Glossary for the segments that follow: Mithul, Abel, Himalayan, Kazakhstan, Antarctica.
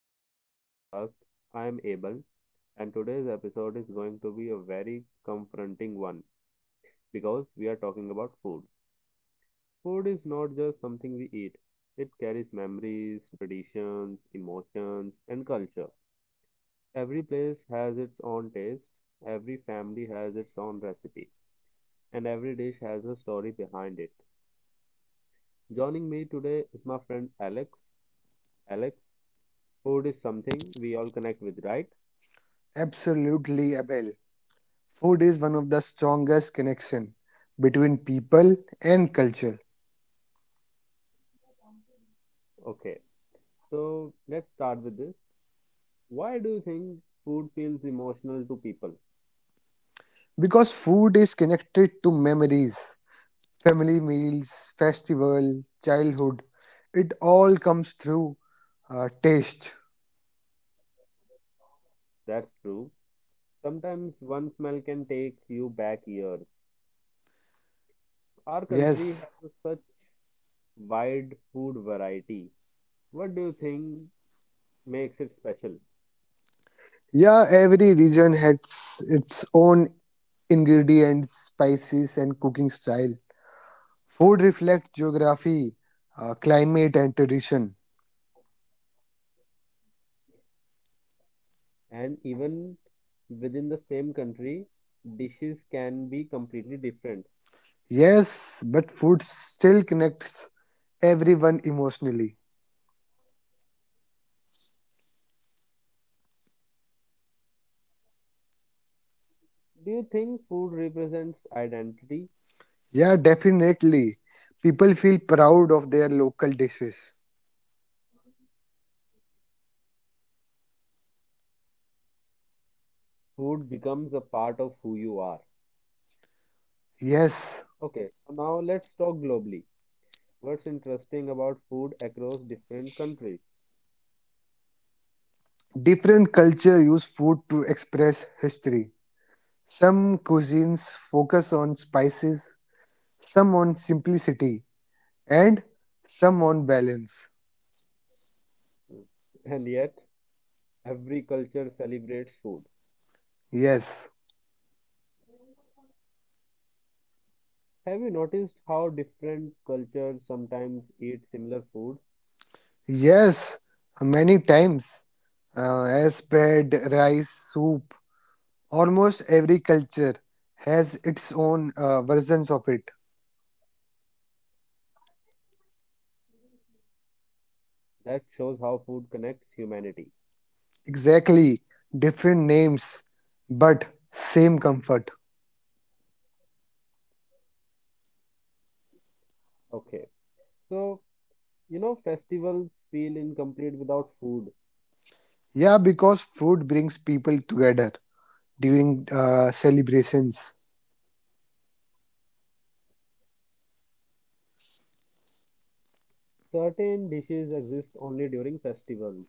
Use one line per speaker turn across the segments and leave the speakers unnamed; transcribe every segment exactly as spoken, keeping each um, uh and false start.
back to the podcast. I am Abel, and today's episode is going to be a very confronting one because we are talking about food. Food is not just something we eat, it carries memories, traditions, emotions, and culture. Every place has its own taste, every family has its own recipe, and every dish has a story behind it. Joining me today is my friend Alex. Alex, food is something we all connect with, right?
Absolutely, Abel. Food is one of the strongest connection between people and culture
Okay. So let's start with this. Why do you think food feels emotional to people?
because food is connected to memories, family meals, festival, childhood. It all comes through uh, taste.
That's true. Sometimes one smell can take you back years. Our country
Yes.
has a such wide food variety. What do you think makes it special?
Yeah, every region has its own ingredients, spices, and cooking style. Food reflects geography, uh, climate, and tradition.
And even within the same country, dishes can be completely different.
Yes, but food still connects everyone emotionally.
Do you think food represents identity?
Yeah, definitely. People feel proud of their local dishes.
Food becomes a part of who you are.
Yes,
Okay, so now let's talk globally. What's interesting about food across different countries,
different culture use food to express history. Some cuisines focus on spices, some on simplicity, and some on balance.
and yet every culture celebrates food.
Yes,
Have you noticed how different cultures sometimes eat similar food?
yes, many times uh, as bread, rice, soup, almost every culture has its own uh, versions of it.
That shows how food connects humanity.
Exactly, different names, but same comfort.
Okay, so you know, festivals feel incomplete without food.
Yeah, because food brings people together during uh, celebrations.
Certain dishes exist only during festivals.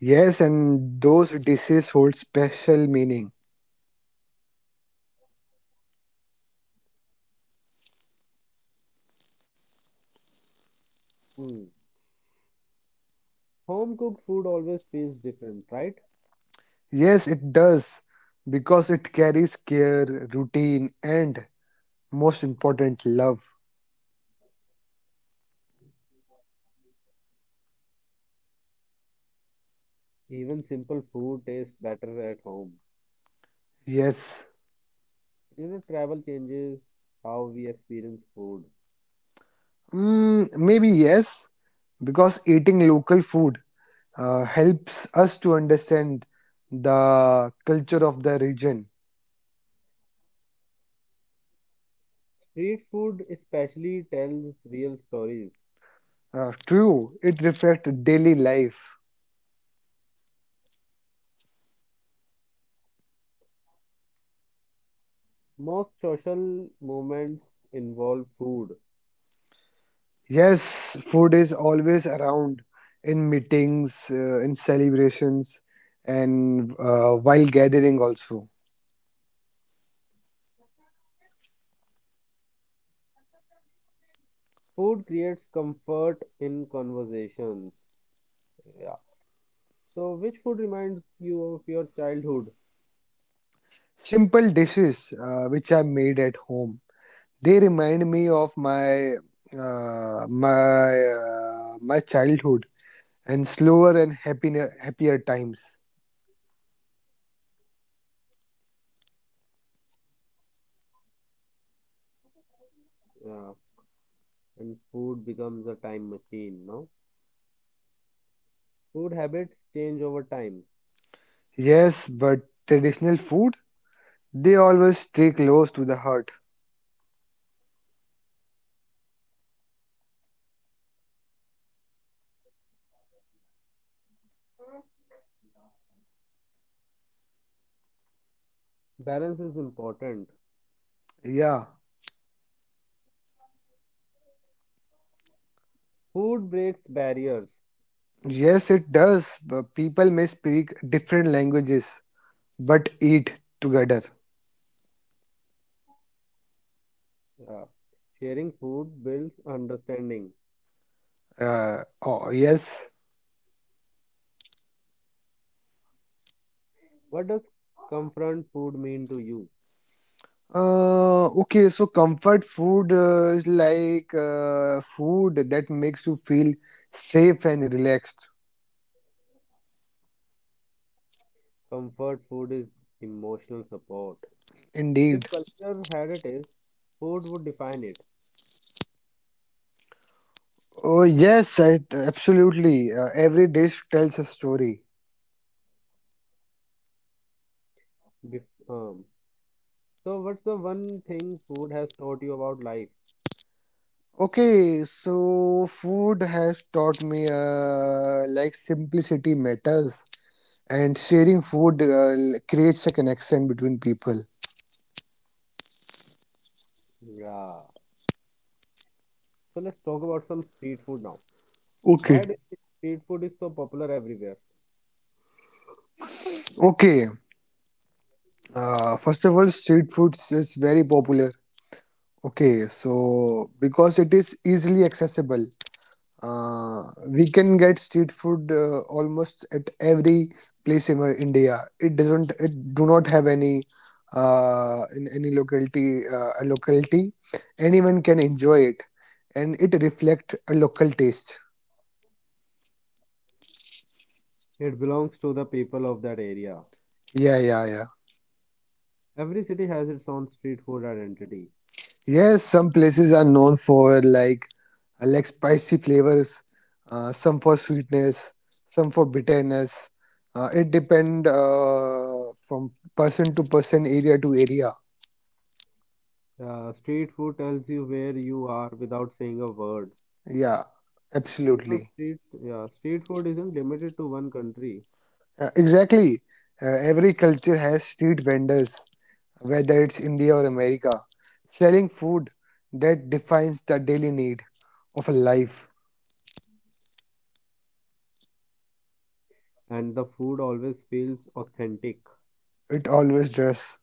Yes, and those dishes hold special meaning.
Hmm. Home cooked food always feels different, right?
Yes, it does, because it carries care, routine, and most important, love.
Even simple food tastes better at home.
Yes.
You know, travel changes how we experience food.
Mm, maybe yes, because eating local food uh, helps us to understand the culture of the region.
Street food especially tells real stories.
Uh, true, it reflects daily life.
Most social movements involve food.
Yes, food is always around in meetings, uh, in celebrations, and uh, while gathering also.
Food creates comfort in conversations. Yeah. So, which food reminds you of your childhood?
Simple dishes uh, which are made at home. They remind me of my uh, my uh, my childhood and slower and happier, happier times.
Yeah. And food becomes a time machine, no? Food habits change over time.
Yes, but traditional food, they always stay close to the heart.
Balance is important.
Yeah.
Food breaks barriers.
Yes, it does. But people may speak different languages but eat together.
Yeah. Sharing food builds understanding.
Uh, oh, yes.
What does comfort food mean to you?
Uh, okay, so comfort food uh, is like uh, food that makes you feel safe and relaxed.
Comfort food is emotional support.
Indeed.
If culture had a taste, food would define it.
Oh, yes, I, absolutely. Uh, every dish tells a story.
Bef- um, so, what's the one thing food has taught you about life?
Okay, so food has taught me uh, like simplicity matters and sharing food uh, creates a connection between people.
Yeah. So, let's talk about some street food now.
Okay.
Why do you think street food is so popular everywhere?
Okay, uh, first of all, street food is very popular. Okay, so because it is easily accessible. Uh, we can get street food uh, almost at every place in our India. It doesn't. It do not have any uh, in any locality. Uh, a locality, anyone can enjoy it, and it reflect a local taste.
It belongs to the people of that area.
Yeah, yeah, yeah.
Every city has its own street food identity.
Yes, some places are known for like uh, like spicy flavors, uh, some for sweetness, some for bitterness. Uh, it depend uh, from person to person, area to area.
Uh, street food tells you where you are without saying a word.
Yeah,
You know,
absolutely.
street, yeah, street food isn't limited to one country,
Uh, exactly. Uh, every culture has street vendors, whether it's India or America, selling food that defines the daily need of a life.
and the food always feels authentic.
It always does.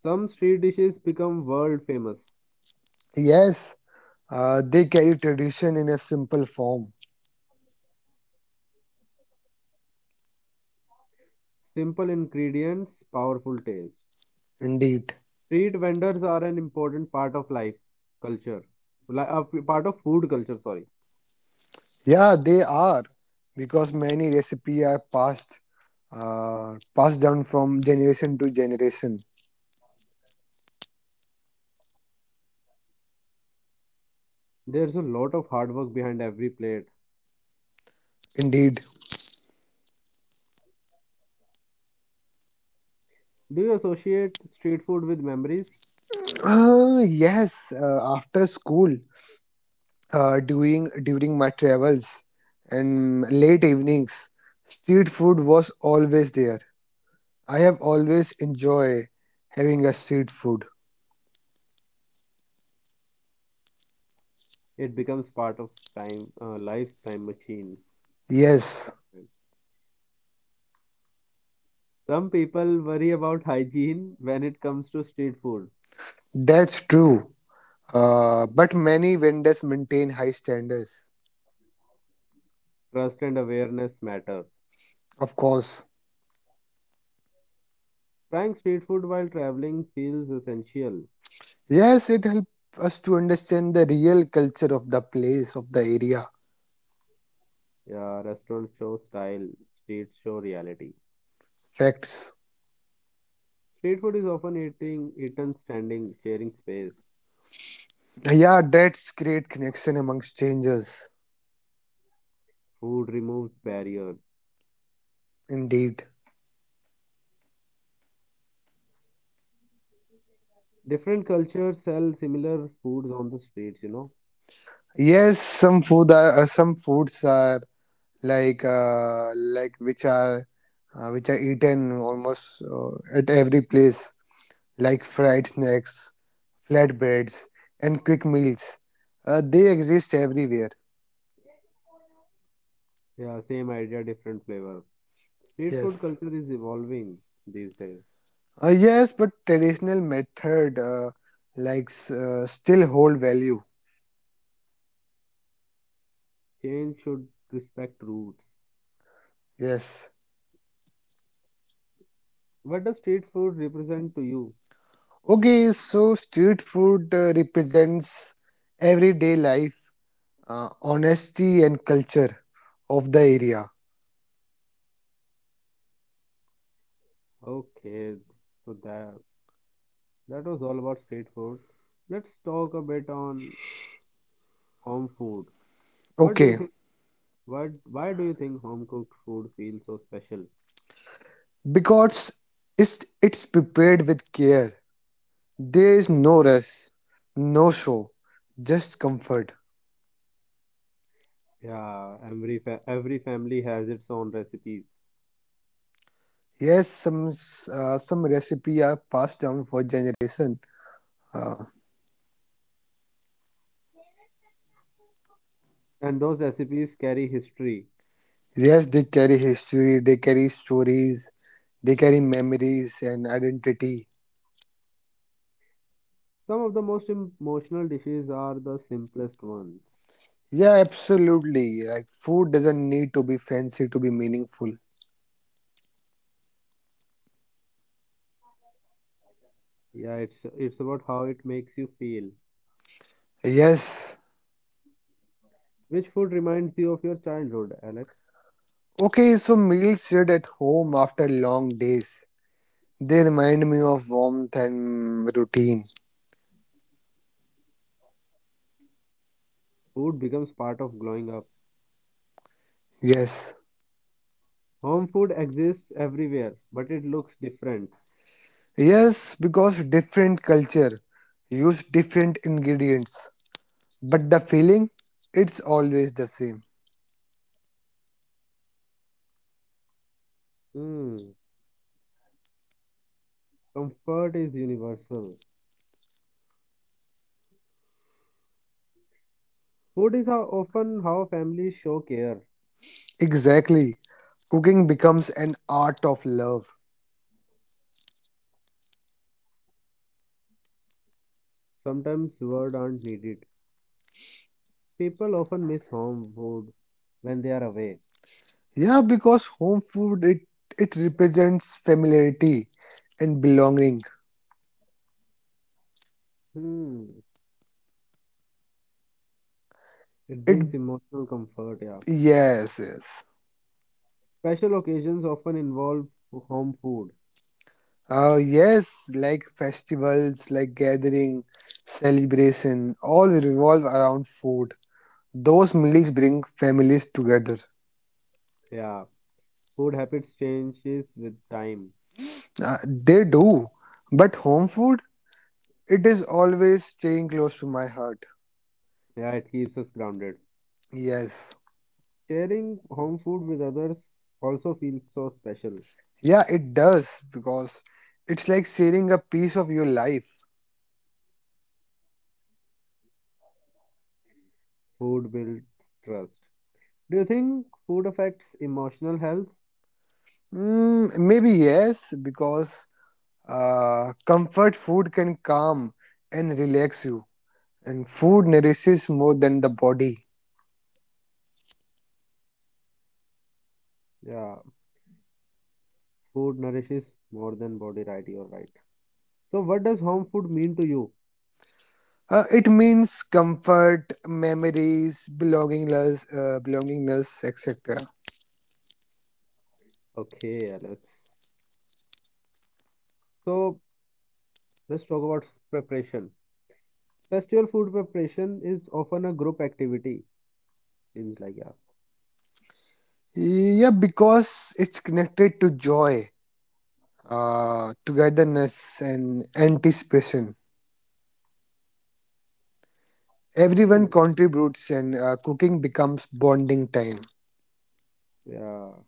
Some street dishes become world famous.
Yes, uh, they carry tradition in a simple form,
Simple ingredients, powerful taste.
indeed.
Street vendors are an important part of life culture, li- uh, p- part of food culture, sorry.
Yeah, they are, because many recipes are passed uh, passed down from generation to generation.
There's a lot of hard work behind every plate.
Indeed.
Do you associate street food with memories?
Uh, yes, uh, after school, uh, doing during my travels and late evenings, street food was always there. I have always enjoyed having a street food.
It becomes part of time, uh, lifetime machine.
Yes,
Some people worry about hygiene when it comes to street food.
that's true. Uh, but many vendors maintain high standards,
Trust and awareness matter.
of course.
Trying street food while traveling feels essential.
Yes, it helps us to understand the real culture of the place, of the area,
Yeah, restaurants show style, streets show reality.
facts.
Street food is often eating, eaten standing, sharing space.
Yeah, that's great connection among strangers,
Food removes barriers.
indeed.
Different cultures sell similar foods on the streets, you know.
Yes, some food are uh, some foods are like uh, like which are uh, which are eaten almost uh, at every place, like fried snacks, flatbreads, and quick meals. Uh, they exist everywhere.
Yeah, same idea, different flavor. Street food
Yes.
culture is evolving these days.
Uh, yes, but traditional method uh, like uh, still hold value.
Change should respect roots.
Yes.
What does street food represent to you?
Okay, so street food uh, represents everyday life, uh, honesty, and culture of the area.
Okay, so that. That was all about street food. Let's talk a bit on home food. What do you
Okay,
think? What? Why do you think home cooked food feels so special?
because it's, it's prepared with care. There is no rush, no show, just comfort.
Yeah, every fa- every family has its own recipes,
Yes, some uh, some recipes are passed down for generation. Uh,
and those recipes carry history.
yes, they carry history, they carry stories, they carry memories and identity.
Some of the most emotional dishes are the simplest ones.
Yeah, absolutely. Like food doesn't need to be fancy to be meaningful.
Yeah, it's it's about how it makes you feel.
Yes.
Which food reminds you of your childhood, Alex?
Okay, so meals shared at home after long days. They remind me of warmth and routine.
Food becomes part of growing up.
Yes.
Home food exists everywhere, but it looks different.
Yes, because different culture use different ingredients, but the feeling it's always the same.
Hmm. Comfort is universal. Food is how often how families show care.
Exactly. Cooking becomes an art of love.
Sometimes words aren't needed. People often miss home food when they are away.
Yeah, because home food it it represents familiarity and belonging.
Hmm. It
It
brings emotional comfort, yeah.
yes, yes.
Special occasions often involve home food.
Uh, yes, like festivals, like gathering, celebration, all will revolve around food. Those meals bring families together.
Yeah. Food habits changes with time.
Uh, they do. But home food, it is always staying close to my heart.
Yeah, it keeps us grounded.
Yes.
Sharing home food with others also feels so special.
Yeah, it does because it's like sharing a piece of your life.
Food builds trust. Do you think food affects emotional health?
Mm, maybe yes, because uh, comfort food can calm and relax you, and food nourishes more than the body.
Yeah. Food nourishes more than body, right? You're right. So, what does home food mean to you?
Uh, it means comfort, memories, belongingness, uh, belongingness, et cetera.
Okay, Alex. So, let's talk about s- preparation. Festival food preparation is often a group activity. Seems like, yeah.
Yeah, because it's connected to joy, uh, togetherness, and anticipation. Everyone
Hmm.
contributes, and uh, cooking becomes bonding time.
Yeah.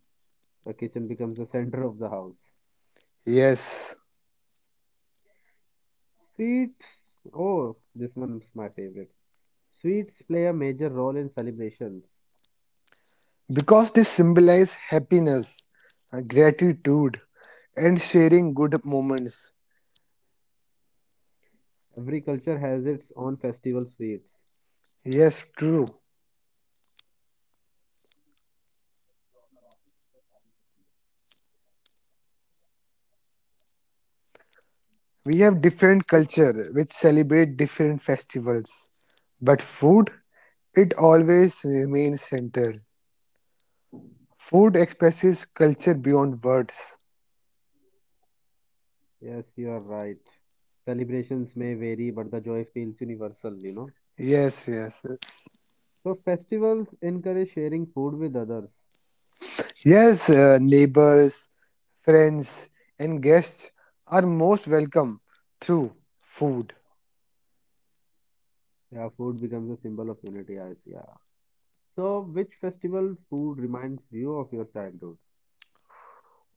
The kitchen becomes the center of the house.
Yes,
Sweets. Oh, this one's my favorite. Sweets play a major role in celebrations.
because they symbolize happiness, uh, gratitude, and sharing good moments.
Every culture has its own festival sweets.
Yes, true. We have different culture which celebrate different festivals, but food, it always remains central. Food expresses culture beyond words.
Yes, you are right. Celebrations may vary, but the joy feels universal, you know.
Yes, yes, yes.
So festivals encourage sharing food with others.
Yes, uh, neighbors, friends, and guests are most welcome through food.
Yeah, food becomes a symbol of unity. I see. Yeah. So which festival food reminds you of your childhood?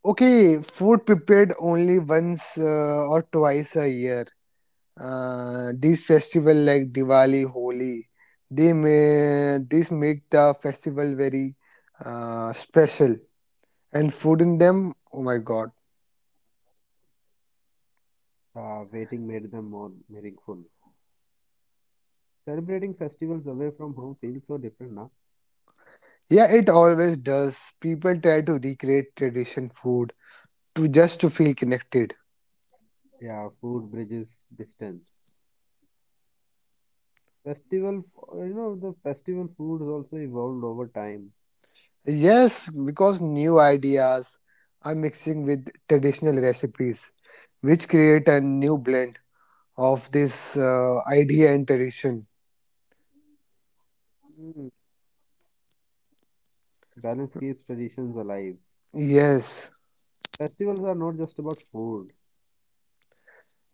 Okay, food prepared only once uh, or twice a year. Uh, these festival like Diwali, Holi, they may this make the festival very uh, special. And food in them, oh my god,
Uh, waiting made them more meaningful. Celebrating festivals away from home feels so different now.
yeah, it always does. People try to recreate tradition food to just to feel connected.
Yeah, food bridges distance. Festival, you know, the festival food has also evolved over time.
Yes, because new ideas are mixing with traditional recipes, which create a new blend of this uh, idea and tradition.
Mm. Balance keeps traditions alive.
Yes,
Festivals are not just about food.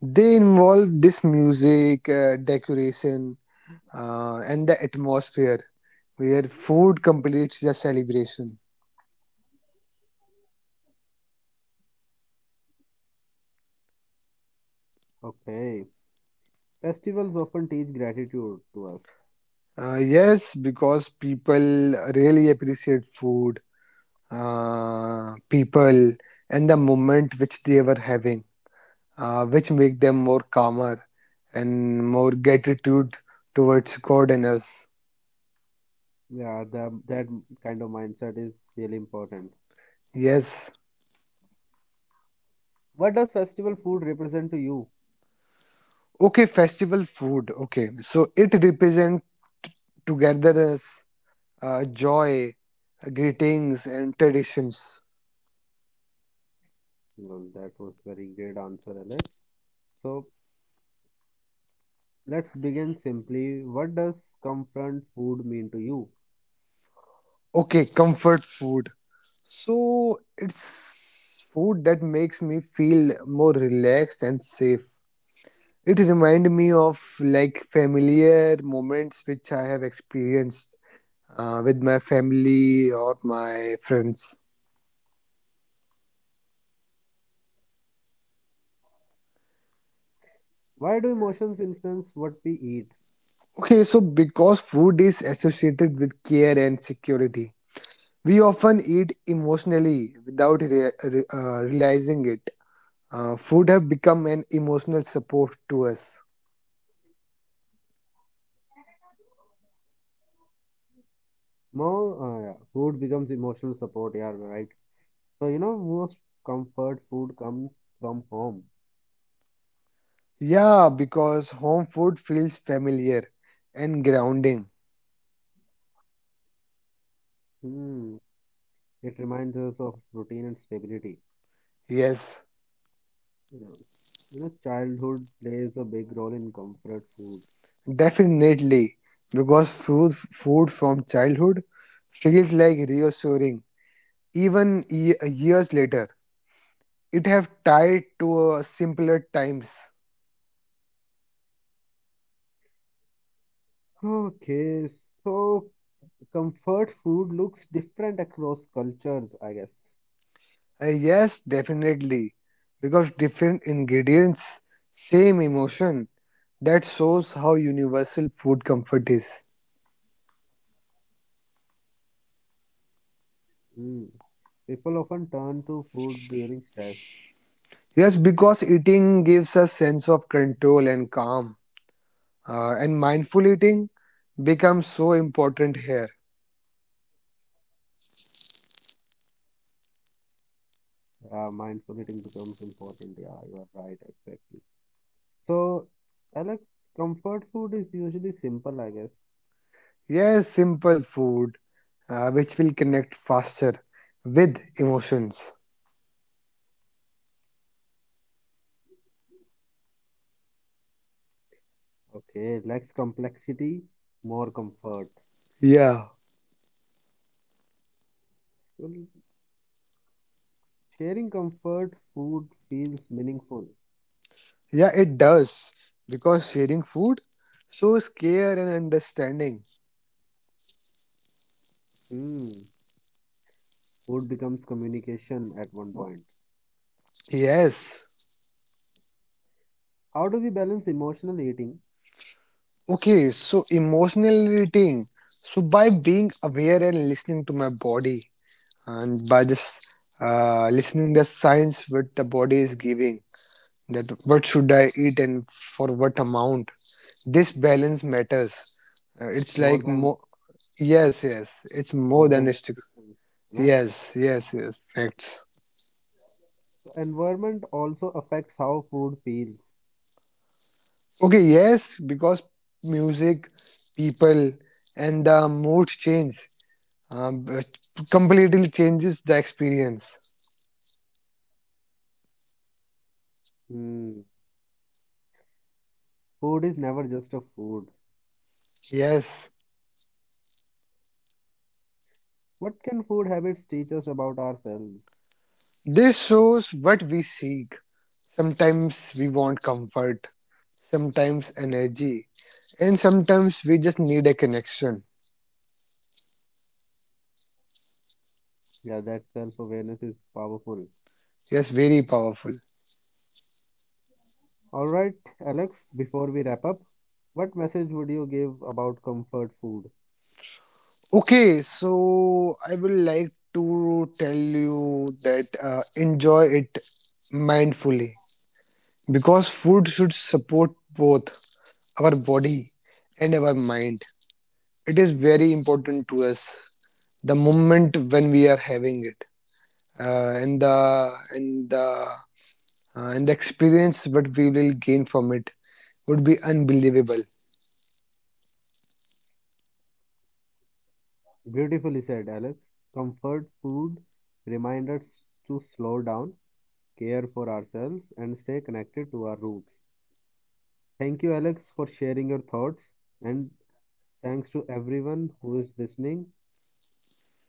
they involve this music, uh, decoration, uh, and the atmosphere where food completes the celebration.
Okay. Festivals often teach gratitude to us.
Uh, yes, because people really appreciate food, uh, people, and the moment which they were having, uh, which make them more calmer and more gratitude towards God and us.
Yeah, the, that kind of mindset is really important.
Yes.
What does festival food represent to you?
Okay, festival food. Okay, so it represents togetherness uh, joy, uh, greetings, and traditions.
Well, that was very great answer, Alex. So let's begin simply. What does comfort food mean to you?
Okay, comfort food. So it's food that makes me feel more relaxed and safe. It reminds me of like familiar moments which I have experienced uh, with my family or my friends.
Why do emotions influence what we eat?
Okay, so because food is associated with care and security, we often eat emotionally without rea- re- uh, realizing it. Uh, food have become an emotional support to us.
More uh, Yeah, food becomes emotional support. Yeah, right. So you know, most comfort food comes from home.
Yeah, because home food feels familiar and grounding.
Hmm. It reminds us of routine and stability.
Yes,
You know, you know, childhood plays a big role in comfort food.
definitely. Because food, food from childhood feels like reassuring even ye- years later. It have tied to uh, simpler times.
Okay, so comfort food looks different across cultures, I guess.
Uh, yes, definitely. Because different ingredients, same emotion. That shows how universal food comfort is.
Mm. People often turn to food during stress.
Yes, because eating gives a sense of control and calm, uh, and mindful eating becomes so important here.
Uh, mindful eating becomes important. Yeah, you are right, exactly. So, Alex, comfort food is usually simple, I guess.
Yes, simple food, uh, which will connect faster with emotions.
Okay, less complexity, more comfort.
Yeah,
Well, sharing comfort food feels meaningful.
yeah, it does because sharing food shows care and understanding.
Hmm. Food becomes communication at one point.
Yes.
How do we balance emotional eating?
Okay, so emotional eating. So by being aware and listening to my body, and by just uh, listening the signs what the body is giving that what should I eat and for what amount this balance matters. Uh, it's
more
like
than
more yes yes it's more
more
than
than
a stick
restrictions, you know.
yes yes yes facts
So environment also affects how food feels.
okay yes because music people and the mood change um, it completely changes the experience
Hmm. Food is never just a food.
yes
What can food habits teach us about ourselves?
this shows what we seek. Sometimes we want comfort, sometimes energy, and sometimes we just need a connection.
Yeah, that self-awareness is powerful.
Yes, very powerful.
All right, Alex, before we wrap up, what message would you give about comfort food?
Okay, so I would like to tell you that uh, enjoy it mindfully because food should support both our body and our mind. It is very important to us the moment when we are having it uh, and the and the uh, and the experience what we will gain from it would be unbelievable.
Beautifully said, Alex. Comfort food reminds us to slow down, care for ourselves, and stay connected to our roots. Thank you, Alex, for sharing your thoughts. And thanks to everyone who is listening.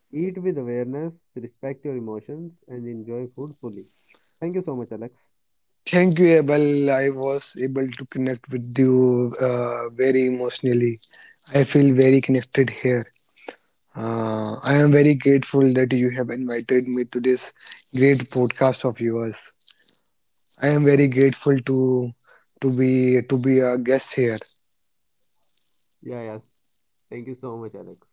Eat with awareness, respect your emotions, and enjoy food fully. Thank you so much, Alex.
Thank you, Abel. I was able to connect with you uh, very emotionally. I feel very connected here. Uh, I am very grateful that you have invited me to this great podcast of yours. I am very grateful to to be to be a guest here.
Yeah, yeah. Thank you so much, Alex.